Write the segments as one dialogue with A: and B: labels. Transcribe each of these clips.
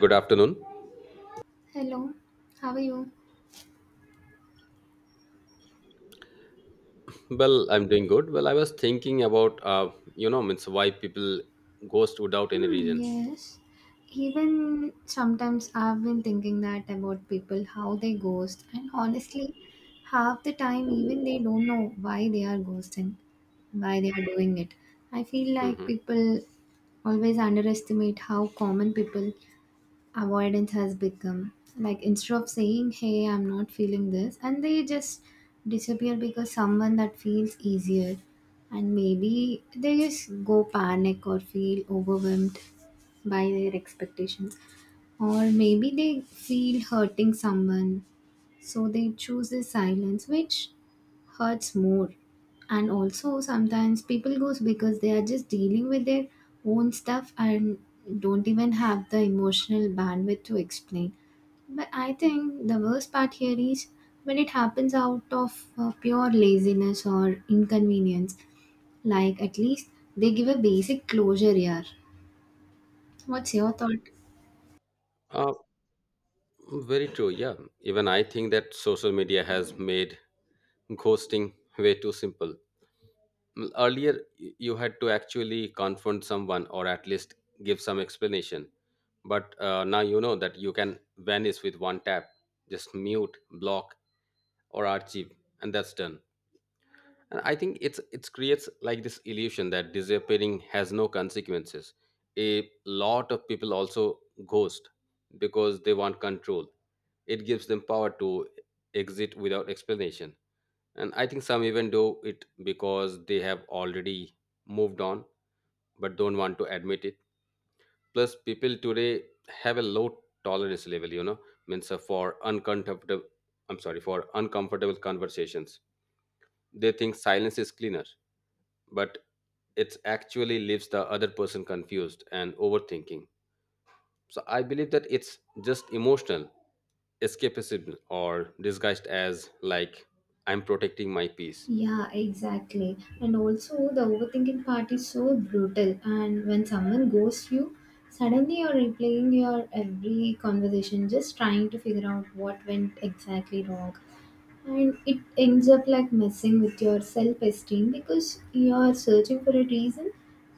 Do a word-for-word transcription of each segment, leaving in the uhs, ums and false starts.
A: Good afternoon.
B: Hello, how are you?
A: Well, I'm doing good. Well, I was thinking about, uh, you know, means why people ghost without any
B: Hmm,
A: reason.
B: yes. Even sometimes I've been thinking that about people, how they ghost, and honestly, half the time, even they don't know why they are ghosting, why they are doing it. I feel like
A: Hmm.
B: people always underestimate how common people avoidance has become, like instead of saying hey, I'm not feeling this, and they just disappear because someone that feels easier, and maybe they just go panic or feel overwhelmed by their expectations, or maybe they feel hurting someone, so they choose this silence, which hurts more. And also, sometimes people goes because they are just dealing with their own stuff and don't even have the emotional bandwidth to explain. But I think the worst part here is when it happens out of uh, pure laziness or inconvenience. Like, at least they give a basic closure here. What's your thought?
A: Uh, Very true. Yeah. Even I think that social media has made ghosting way too simple. Mm, Earlier, y- you had to actually confront someone or at least give some explanation. But uh, now you know that you can vanish with one tap, just mute, block, or archive, and that's done. And I think it's it creates like this illusion that disappearing has no consequences. A lot of people also ghost because they want control. It gives them power to exit without explanation. And I think some even do it because they have already moved on but don't want to admit it. Plus, people today have a low tolerance level, you know, means uh, for uncomfortable. I'm sorry, for uncomfortable conversations. They think silence is cleaner, but it actually leaves the other person confused and overthinking. So I believe that it's just emotional escapism or disguised as like I'm protecting my peace.
B: Yeah, exactly. And also, the overthinking part is so brutal. And when someone ghosts you, suddenly you're replaying your every conversation, just trying to figure out what went exactly wrong. And it ends up like messing with your self esteem because you're searching for a reason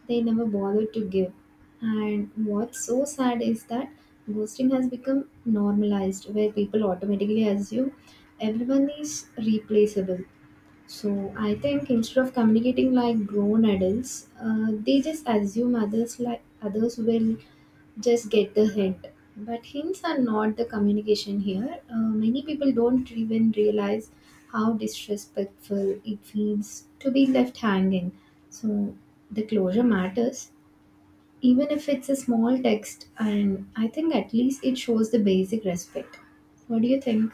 B: they never bothered to give. And what's so sad is that ghosting has become normalized, where people automatically assume everyone is replaceable, so I think instead of communicating like grown adults, uh, they just assume others, like others will just get the hint. But hints are not the communication here. Uh, many people don't even realize how disrespectful it feels to be left hanging. So the closure matters, even if it's a small text, and I think at least it shows the basic respect. What do you think?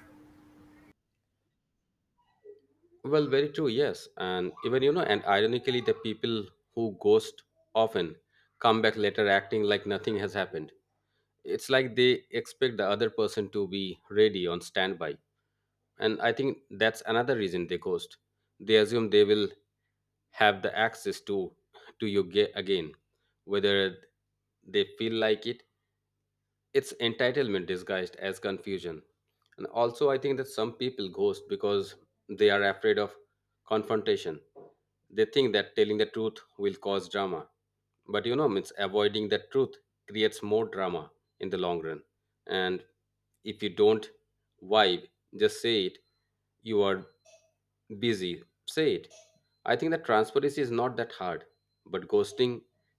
A: Well, very true, yes. And even you know, and ironically, the people who ghost often come back later acting like nothing has happened. It's like they expect the other person to be ready on standby. And I think that's another reason they ghost. They assume they will have the access to to you ga- again, whether they feel like it. It's entitlement disguised as confusion. And also, I think that some people ghost because they are afraid of confrontation. They think that telling the truth will cause drama, but you know means avoiding the truth creates more drama in the long run. And if you don't vibe, just say it. You are busy, say it. I think that transparency is not that hard, but ghosting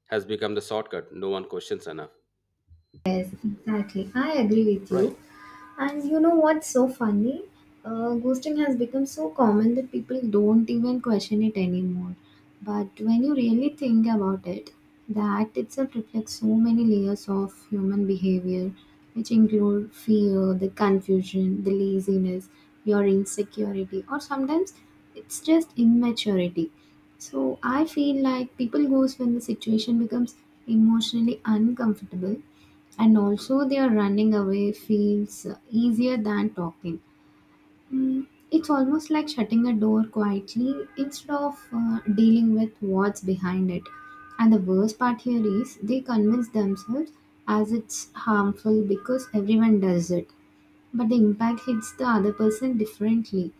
A: has become the shortcut no one questions enough,
B: Yes, exactly. I agree with you.
A: right?
B: And you know what's so funny? Uh, ghosting has become so common that people don't even question it anymore. But when you really think about it, the act itself reflects so many layers of human behavior, which include fear, the confusion, the laziness, your insecurity, or sometimes it's just immaturity. So I feel like people ghost when the situation becomes emotionally uncomfortable, and also their running away feels easier than talking. Mm, it's almost like shutting a door quietly instead of uh, dealing with what's behind it. And the worst part here is they convince themselves as it's harmful because everyone does it. But the impact hits the other person differently.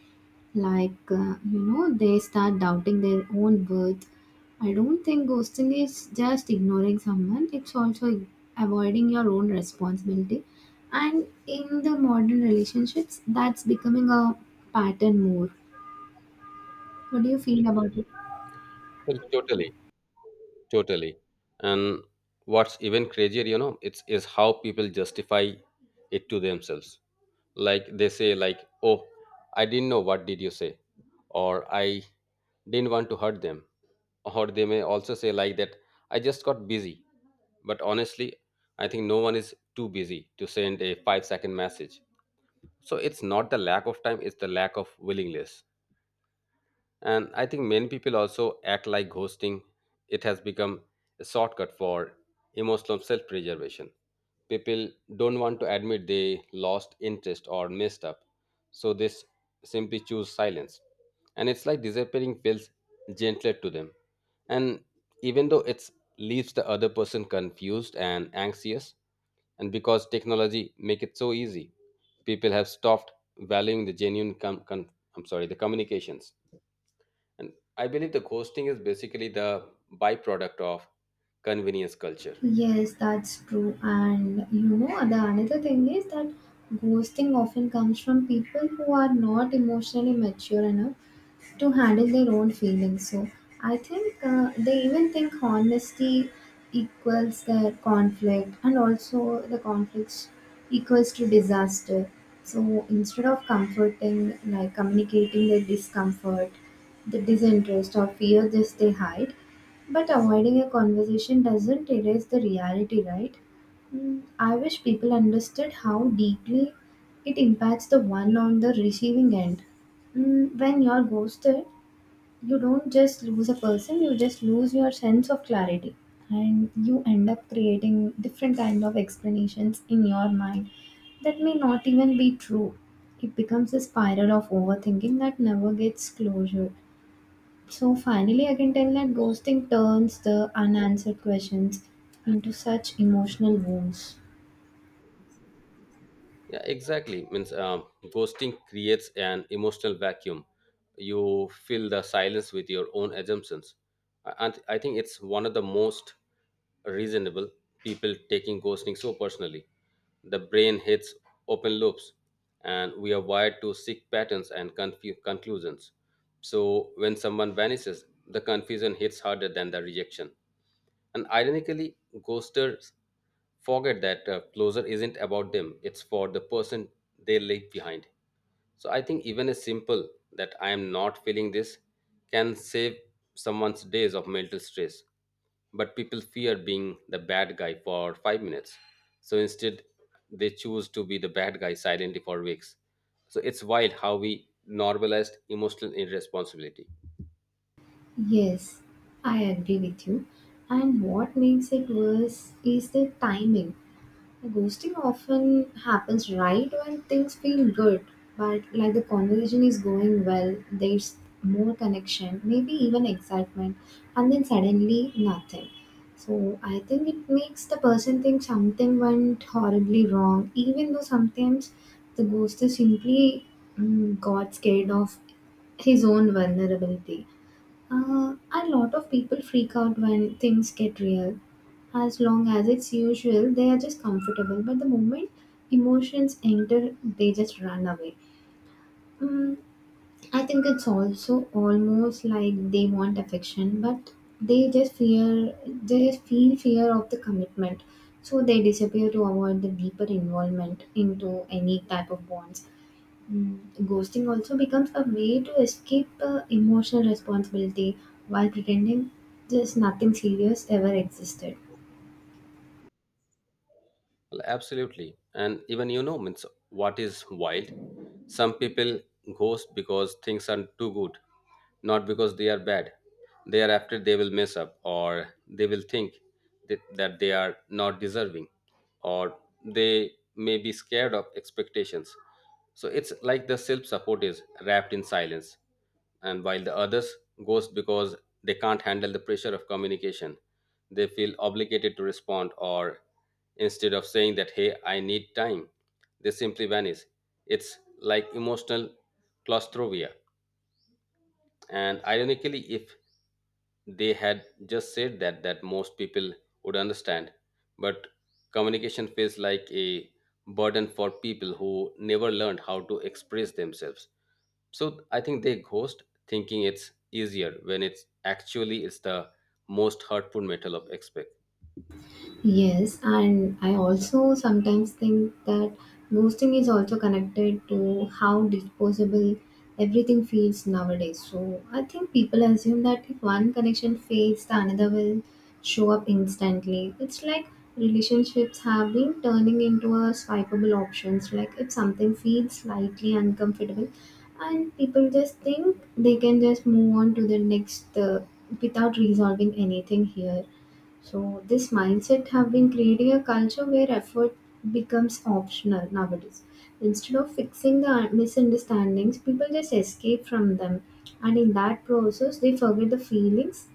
B: Like, uh, you know, they start doubting their own worth. I don't think ghosting is just ignoring someone, it's also avoiding your own responsibility. And in the modern relationships, that's becoming a pattern more. What do you feel about it?
A: Well, totally Totally. And what's even crazier, you know, it's is how people justify it to themselves. Like they say, like, oh, I didn't know what did you say, or I didn't want to hurt them, or they may also say like that, I just got busy, but honestly, I think no one is too busy to send a five second message. So it's not the lack of time; it's the lack of willingness. And I think many people also act like ghosting. It has become a shortcut for emotional self preservation. People don't want to admit they lost interest or messed up, so they s- simply choose silence. And it's like disappearing feels gentler to them. And even though it leaves the other person confused and anxious, and because technology make it so easy, people have stopped valuing the genuine com- con- I'm sorry, the communications. And I believe the ghosting is basically the byproduct of convenience culture.
B: Yes, that's true. And you know, the another thing is that ghosting often comes from people who are not emotionally mature enough to handle their own feelings. So I think uh, they even think honesty equals their conflict, and also the conflicts equals to disaster. So instead of comforting, like communicating their discomfort, the disinterest or fear, just they hide. But avoiding a conversation doesn't erase the reality, right? Mm, I wish people understood how deeply it impacts the one on the receiving end. Mm, when you're ghosted, you don't just lose a person, you just lose your sense of clarity. And you end up creating different kind of explanations in your mind that may not even be true. It becomes a spiral of overthinking that never gets closure. So finally, I can tell that ghosting turns the unanswered questions into such emotional wounds.
A: Yeah, exactly. Means um, ghosting creates an emotional vacuum. You fill the silence with your own assumptions, and I think it's one of the most reasonable people taking ghosting so personally. The brain hits open loops, and we are wired to seek patterns and confu- conclusions. So when someone vanishes, the confusion hits harder than the rejection. And ironically, ghosters forget that uh, closure isn't about them, it's for the person they leave behind. So I think even a simple that I am not feeling this can save someone's days of mental stress. But people fear being the bad guy for five minutes. So instead, they choose to be the bad guy silently for weeks. So it's wild how we normalized emotional irresponsibility.
B: Yes, I agree with you. And what makes it worse is the timing. Ghosting often happens right when things feel good, but like the conversation is going well, there's more connection, maybe even excitement, and then suddenly nothing. So I think it makes the person think something went horribly wrong, even though sometimes the ghost is simply, mm, got scared of his own vulnerability. Uh, a lot of people freak out when things get real. As long as it's usual, they are just comfortable. But the moment emotions enter, they just run away. Mm, I think it's also almost like they want affection, but they just fear, they just feel fear of the commitment. So they disappear to avoid the deeper involvement into any type of bonds. Mm, ghosting also becomes a way to escape uh, emotional responsibility while pretending just nothing serious ever existed.
A: Well, absolutely. And even you know, means what is wild? Some people ghost because things are too good, not because they are bad. Thereafter, they will mess up, or they will think that, that they are not deserving, or they may be scared of expectations. So it's like the self support is wrapped in silence. And while the others goes because they can't handle the pressure of communication, they feel obligated to respond, or instead of saying that, hey, I need time, they simply vanish. It's like emotional claustrophobia. And ironically, if they had just said that, that most people would understand. But communication feels like a burden for people who never learned how to express themselves. So I think they ghost thinking it's easier when it's actually it's the most hurtful metal of expect.
B: Yes, and I also sometimes think that ghosting is also connected to how disposable everything feels nowadays. So I think people assume that if one connection fades, the another will show up instantly. It's like relationships have been turning into a swipeable options. Like if something feels slightly uncomfortable, and people just think they can just move on to the next, uh, without resolving anything here, so this mindset have been creating a culture where effort becomes optional nowadays. Instead of fixing the misunderstandings, people just escape from them, and in that process, they forget the feelings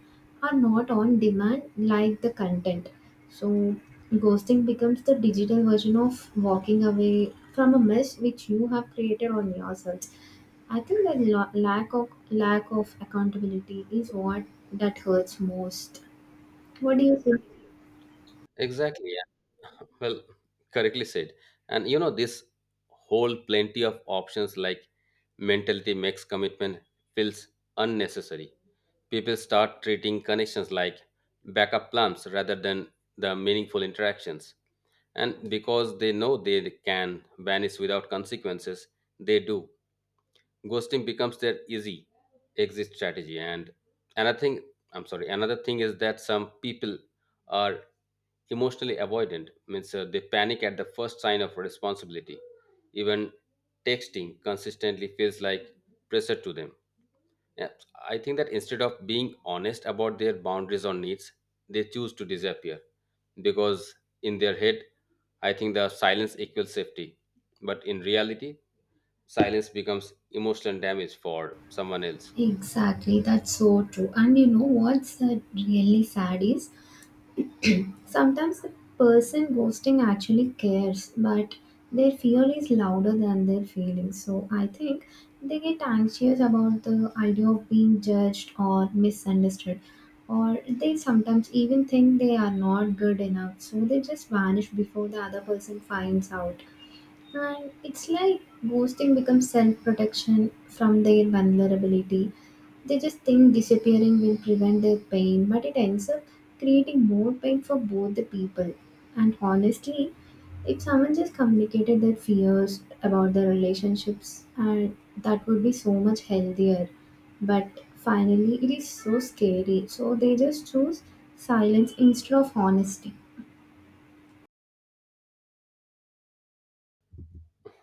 B: are not on demand like the content. So ghosting becomes the digital version of walking away from a mess which you have created on yourself. I think that lo- lack of lack of accountability is what that hurts most. What do you think?
A: Exactly, yeah. Well, correctly said. And you know this whole plenty of options like mentality makes commitment feels unnecessary. People start treating connections like backup plans rather than the meaningful interactions. And because they know they can vanish without consequences, they do. Ghosting becomes their easy exit strategy. And another thing, I'm sorry, another thing is that some people are emotionally avoidant, means uh, they panic at the first sign of responsibility. Even texting consistently feels like pressure to them, yeah. I think that instead of being honest about their boundaries or needs, they choose to disappear, because in their head, I think the silence equals safety. But in reality, silence becomes emotional damage for someone else.
B: Exactly, that's so true. And you know what's uh, really sad is sometimes the person ghosting actually cares, but their fear is louder than their feelings. So I think they get anxious about the idea of being judged or misunderstood, or they sometimes even think they are not good enough. So they just vanish before the other person finds out. And it's like ghosting becomes self protection from their vulnerability. They just think disappearing will prevent their pain, but it ends up creating more pain for both the people. And honestly, if someone just communicated their fears about their relationships, and that would be so much healthier. But finally, it is so scary, so they just choose silence instead of honesty.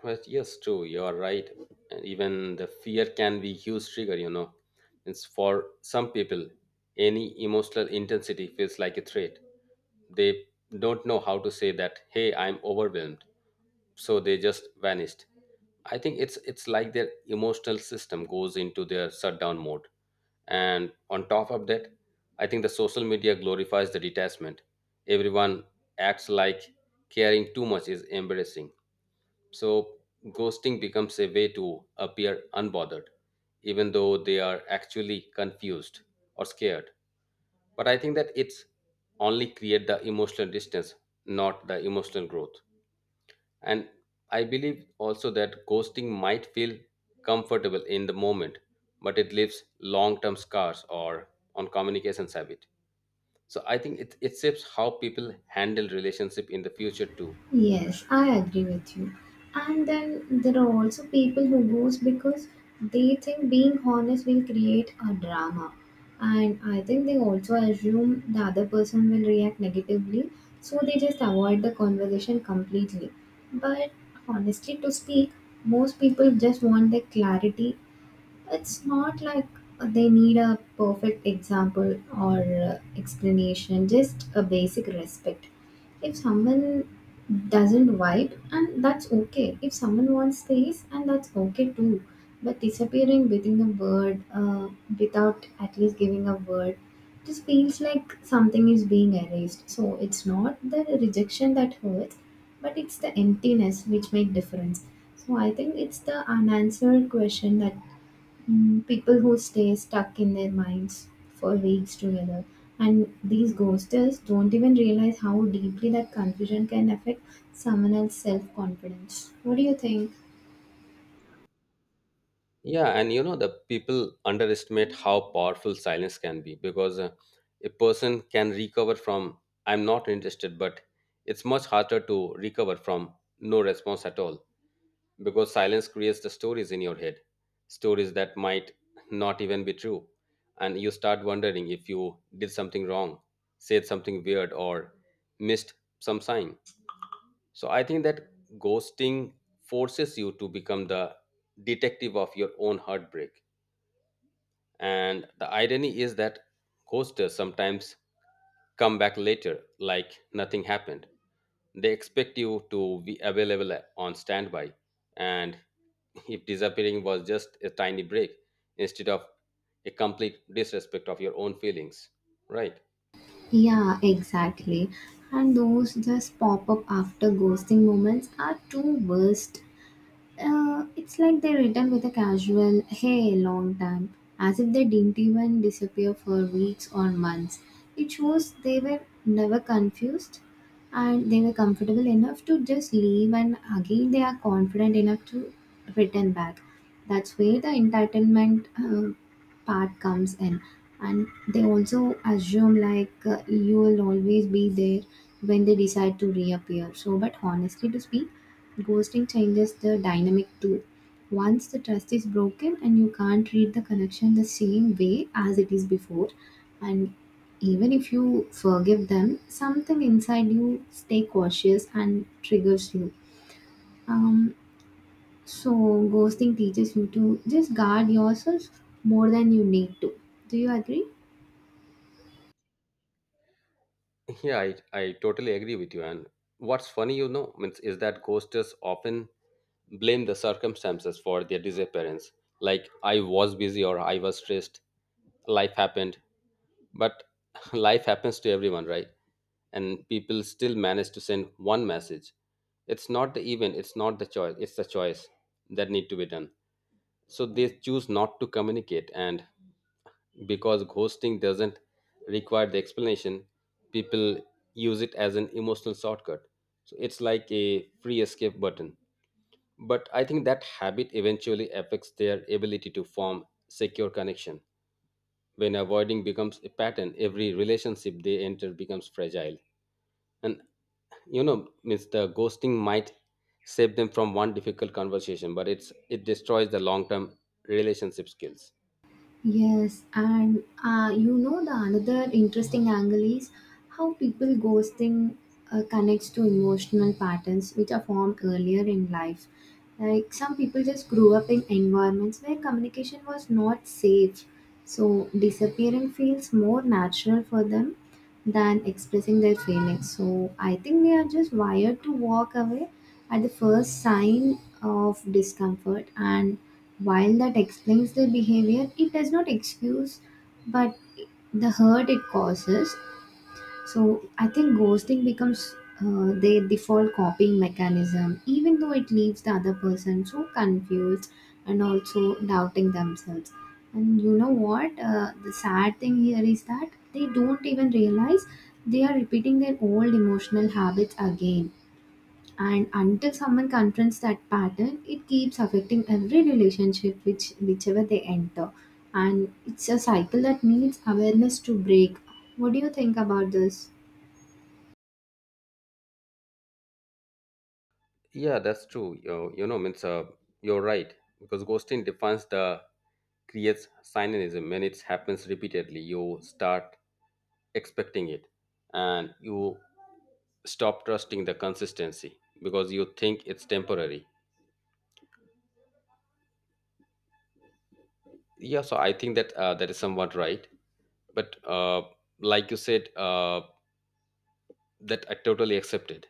A: But yes, true, you are right. And even the fear can be huge trigger, you know. It's for some people, any emotional intensity feels like a threat. They don't know how to say that, hey, I'm overwhelmed, so they just vanished. I think it's it's like their emotional system goes into their shutdown mode. And on top of that, I think the social media glorifies the detachment. Everyone acts like caring too much is embarrassing, so ghosting becomes a way to appear unbothered, even though they are actually confused or scared. But I think that it's only create the emotional distance, not the emotional growth. And I believe also that ghosting might feel comfortable in the moment, but it leaves long term scars or on communications habit. So I think it, it shapes how people handle relationship in the future too.
B: Yes, I agree with you. And then there are also people who goes because they think being honest will create a drama. And I think they also assume the other person will react negatively, so they just avoid the conversation completely. But honestly to speak, most people just want the clarity. It's not like they need a perfect example or uh, explanation, just a basic respect. If someone doesn't vibe, and that's okay. If someone wants space, and that's okay too. But disappearing within a word, uh, without at least giving a word, just feels like something is being erased. So it's not the rejection that hurts, but it's the emptiness which make difference. So I think it's the unanswered question that, mm, people who stay stuck in their minds for weeks together. And these ghosters don't even realize how deeply that confusion can affect someone else's self confidence. What do you think?
A: Yeah, and you know the people underestimate how powerful silence can be, because uh, a person can recover from "I'm not interested," but it's much harder to recover from no response at all. Because silence creates the stories in your head, stories that might not even be true. And you start wondering if you did something wrong, said something weird, or missed some sign. So I think that ghosting forces you to become the detective of your own heartbreak. And the irony is that ghosters sometimes come back later like nothing happened. They expect you to be available on standby, and if disappearing was just a tiny break instead of a complete disrespect of your own feelings, right?
B: Yeah, exactly. And those just pop up after ghosting moments are too worst. Uh, it's like they return with a casual hey, long time, as if they didn't even disappear for weeks or months. It shows they were never confused, and they were comfortable enough to just leave, and again, they are confident enough to return back. That's where the entitlement uh, part comes in. And they also assume, like, uh, you will always be there when they decide to reappear. So, but honestly, to speak, ghosting changes the dynamic too. Once the trust is broken, and you can't read the connection the same way as it is before, and even if you forgive them, something inside you stay cautious and triggers you. Um, so ghosting teaches you to just guard yourself more than you need to. Do you agree?
A: Yeah, I, I totally agree with you. And what's funny, you know, means is that ghosters often blame the circumstances for their disappearance. Like, I was busy, or I was stressed, life happened. But life happens to everyone, right? And people still manage to send one message. It's not the event, it's not the choice, it's the choice that need to be done. So they choose not to communicate. And because ghosting doesn't require the explanation, people use it as an emotional shortcut. So it's like a free escape button. But I think that habit eventually affects their ability to form secure connection. When avoiding becomes a pattern, every relationship they enter becomes fragile. And you know means the ghosting might save them from one difficult conversation, but it's it destroys the long term relationship skills.
B: Yes, and uh, you know the another interesting angle is how people ghosting uh, connects to emotional patterns which are formed earlier in life. Like some people just grew up in environments where communication was not safe, so disappearing feels more natural for them than expressing their feelings. So I think they are just wired to walk away at the first sign of discomfort. And while that explains their behavior, it does not excuse, but the hurt it causes, so I think ghosting becomes uh, their default coping mechanism, even though it leaves the other person so confused and also doubting themselves. And you know what? Uh, the sad thing here is that they don't even realize they are repeating their old emotional habits again. And until someone confronts that pattern, it keeps affecting every relationship which whichever they enter. And it's a cycle that needs awareness to break. What do you think about this?
A: Yeah, that's true. You you know means, uh, you're right. Because ghosting defines the creates cynicism. When it happens repeatedly, you start expecting it. And you stop trusting the consistency, because you think it's temporary. Yeah, so I think that uh, that is somewhat right. But uh, like you said, uh, that I totally accepted.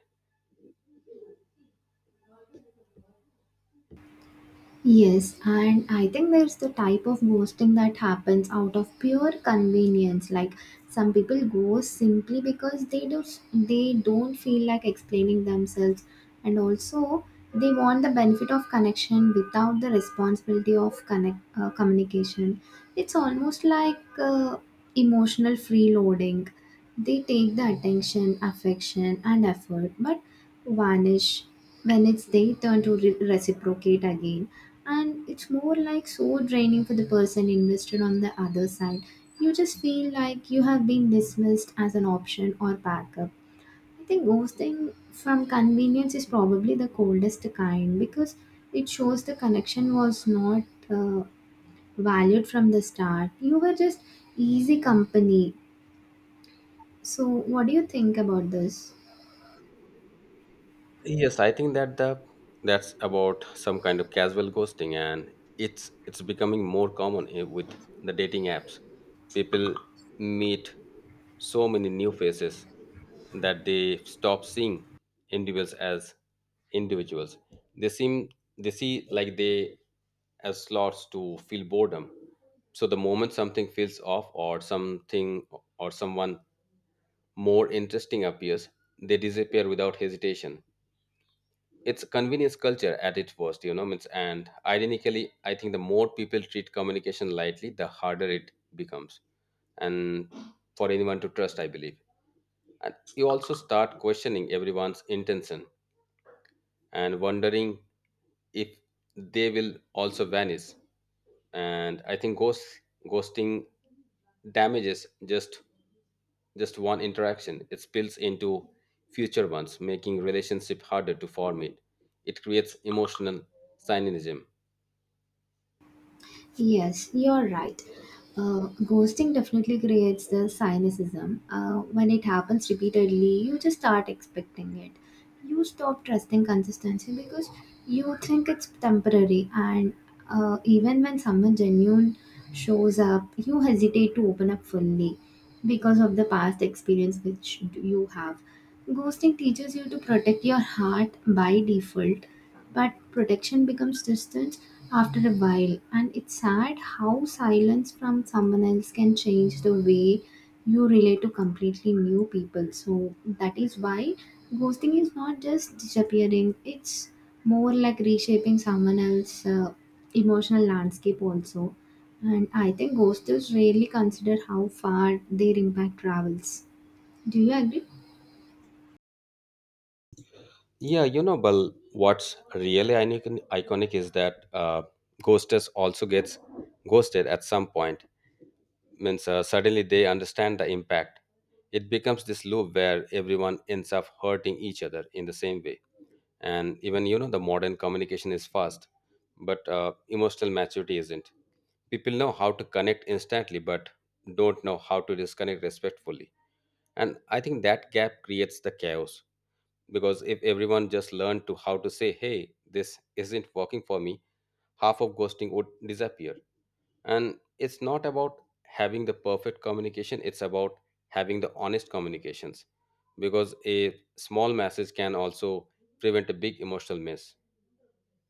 B: Yes, and I think there's the type of ghosting that happens out of pure convenience. Like some people ghost simply because they do they don't feel like explaining themselves, and also they want the benefit of connection without the responsibility of connect uh, communication. It's almost like uh, emotional freeloading. They take the attention, affection, and effort, but vanish when it's they turn to re- reciprocate again. And it's more like so draining for the person invested on the other side. You just feel like you have been dismissed as an option or backup. I think ghosting from convenience is probably the coldest kind because it shows the connection was not uh, valued from the start. You were just easy company. So what do you think about this?
A: Yes, I think that the that's about some kind of casual ghosting. And it's it's becoming more common, eh, with the dating apps. People meet so many new faces that they stop seeing individuals as individuals. they seem they see like they as slots to feel boredom. So the moment something feels off, or something, or someone more interesting appears, they disappear without hesitation. It's a convenience culture at its worst, you know. means- And ironically, I think the more people treat communication lightly, the harder it becomes, and for anyone to trust, I believe. And you also start questioning everyone's intention and wondering if they will also vanish. And I think ghost ghosting damages. Just Just one interaction, it spills into future ones, making relationship harder to form it. It creates emotional cynicism.
B: Yes, you're right. Uh, ghosting definitely creates the cynicism. Uh, when it happens repeatedly, you just start expecting it. You stop trusting consistency because you think it's temporary, and uh, even when someone genuine shows up, you hesitate to open up fully because of the past experience which you have. Ghosting teaches you to protect your heart by default, but protection becomes distance after a while, and it's sad how silence from someone else can change the way you relate to completely new people. So that is why ghosting is not just disappearing, it's more like reshaping someone else's uh, emotional landscape, also. And I think ghosters rarely consider how far their impact travels. Do you agree?
A: Yeah, you know, well, what's really iconic, iconic is that uh, Ghostess also gets ghosted at some point. Means uh, suddenly they understand the impact. It becomes this loop where everyone ends up hurting each other in the same way. And even you know the modern communication is fast, but uh, emotional maturity isn't. People know how to connect instantly, but don't know how to disconnect respectfully. And I think that gap creates the chaos. Because if everyone just learned to how to say, hey, this isn't working for me, half of ghosting would disappear. And it's not about having the perfect communication, it's about having the honest communications. Because a small message can also prevent a big emotional mess.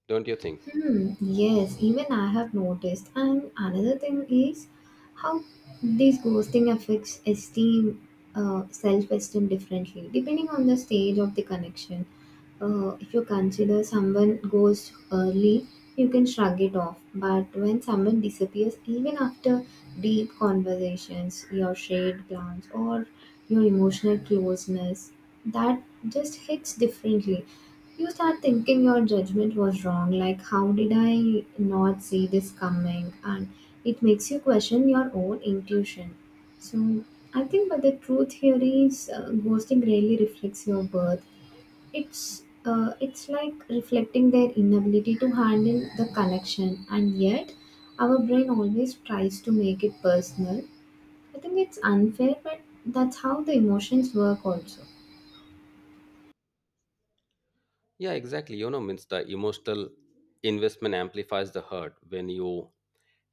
A: Don't you think?
B: Hmm, yes, even I have noticed. And another thing is how this ghosting affects esteem, uh, self esteem differently depending on the stage of the connection. Uh, if you consider someone goes early, you can shrug it off. But when someone disappears, even after deep conversations, your shared glance, or your emotional closeness, that just hits differently. You start thinking your judgment was wrong, like, how did I not see this coming? And it makes you question your own intuition. So, I think, but the truth here is uh, ghosting really reflects your birth. It's uh, it's like reflecting their inability to handle the connection, and yet our brain always tries to make it personal. I think it's unfair, but that's how the emotions work, also.
A: Yeah, exactly. you know means the emotional investment amplifies the hurt. When you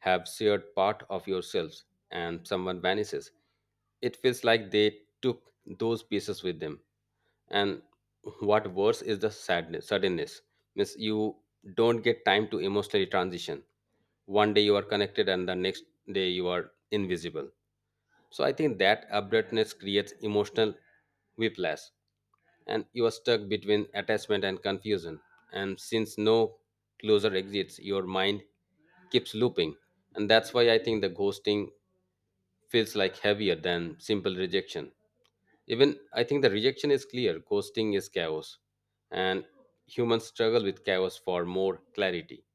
A: have shared part of yourselves and someone vanishes, it feels like they took those pieces with them. And what worse is the sadness, suddenness. Means you don't get time to emotionally transition. One day you are connected and the next day you are invisible. So I think that abruptness creates emotional whiplash, and you are stuck between attachment and confusion. And since no closer exists, your mind keeps looping. And that's why I think the ghosting feels like heavier than simple rejection. Even I think the rejection is clear, ghosting is chaos. And humans struggle with chaos for more clarity.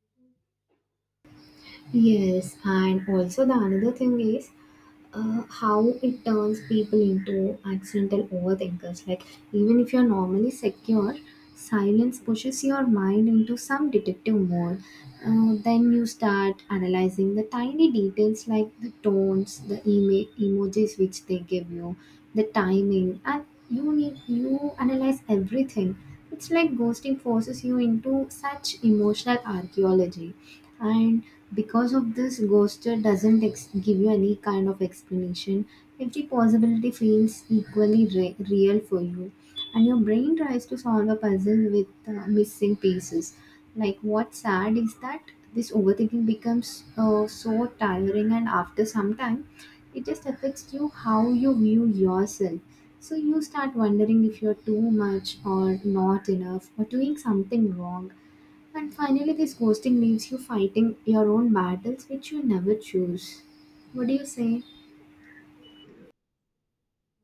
B: Yes, and also the another thing is uh, how it turns people into accidental overthinkers. Like, even if you're normally secure, silence pushes your mind into some detective mode. Uh, then you start analyzing the tiny details like the tones, the ema- emojis which they give you, the timing, and you need you analyze everything. It's like ghosting forces you into such emotional archaeology, and because of this ghoster doesn't ex- give you any kind of explanation, every possibility feels equally re- real for you, and your brain tries to solve a puzzle with uh, missing pieces. Like what's sad is that this overthinking becomes uh, so tiring, and after some time it just affects you how you view yourself, so you start wondering if you're too much or not enough or doing something wrong. And finally, this ghosting leaves you fighting your own battles, which you never choose. What do you say?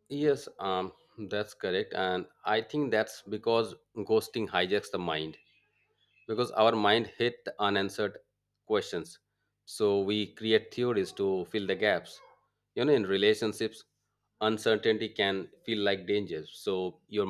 A: Yes, um, that's correct. And I think that's because ghosting hijacks the mind, because our mind hit the unanswered questions. So we create theories to fill the gaps. You know, in relationships, uncertainty can feel like danger. So your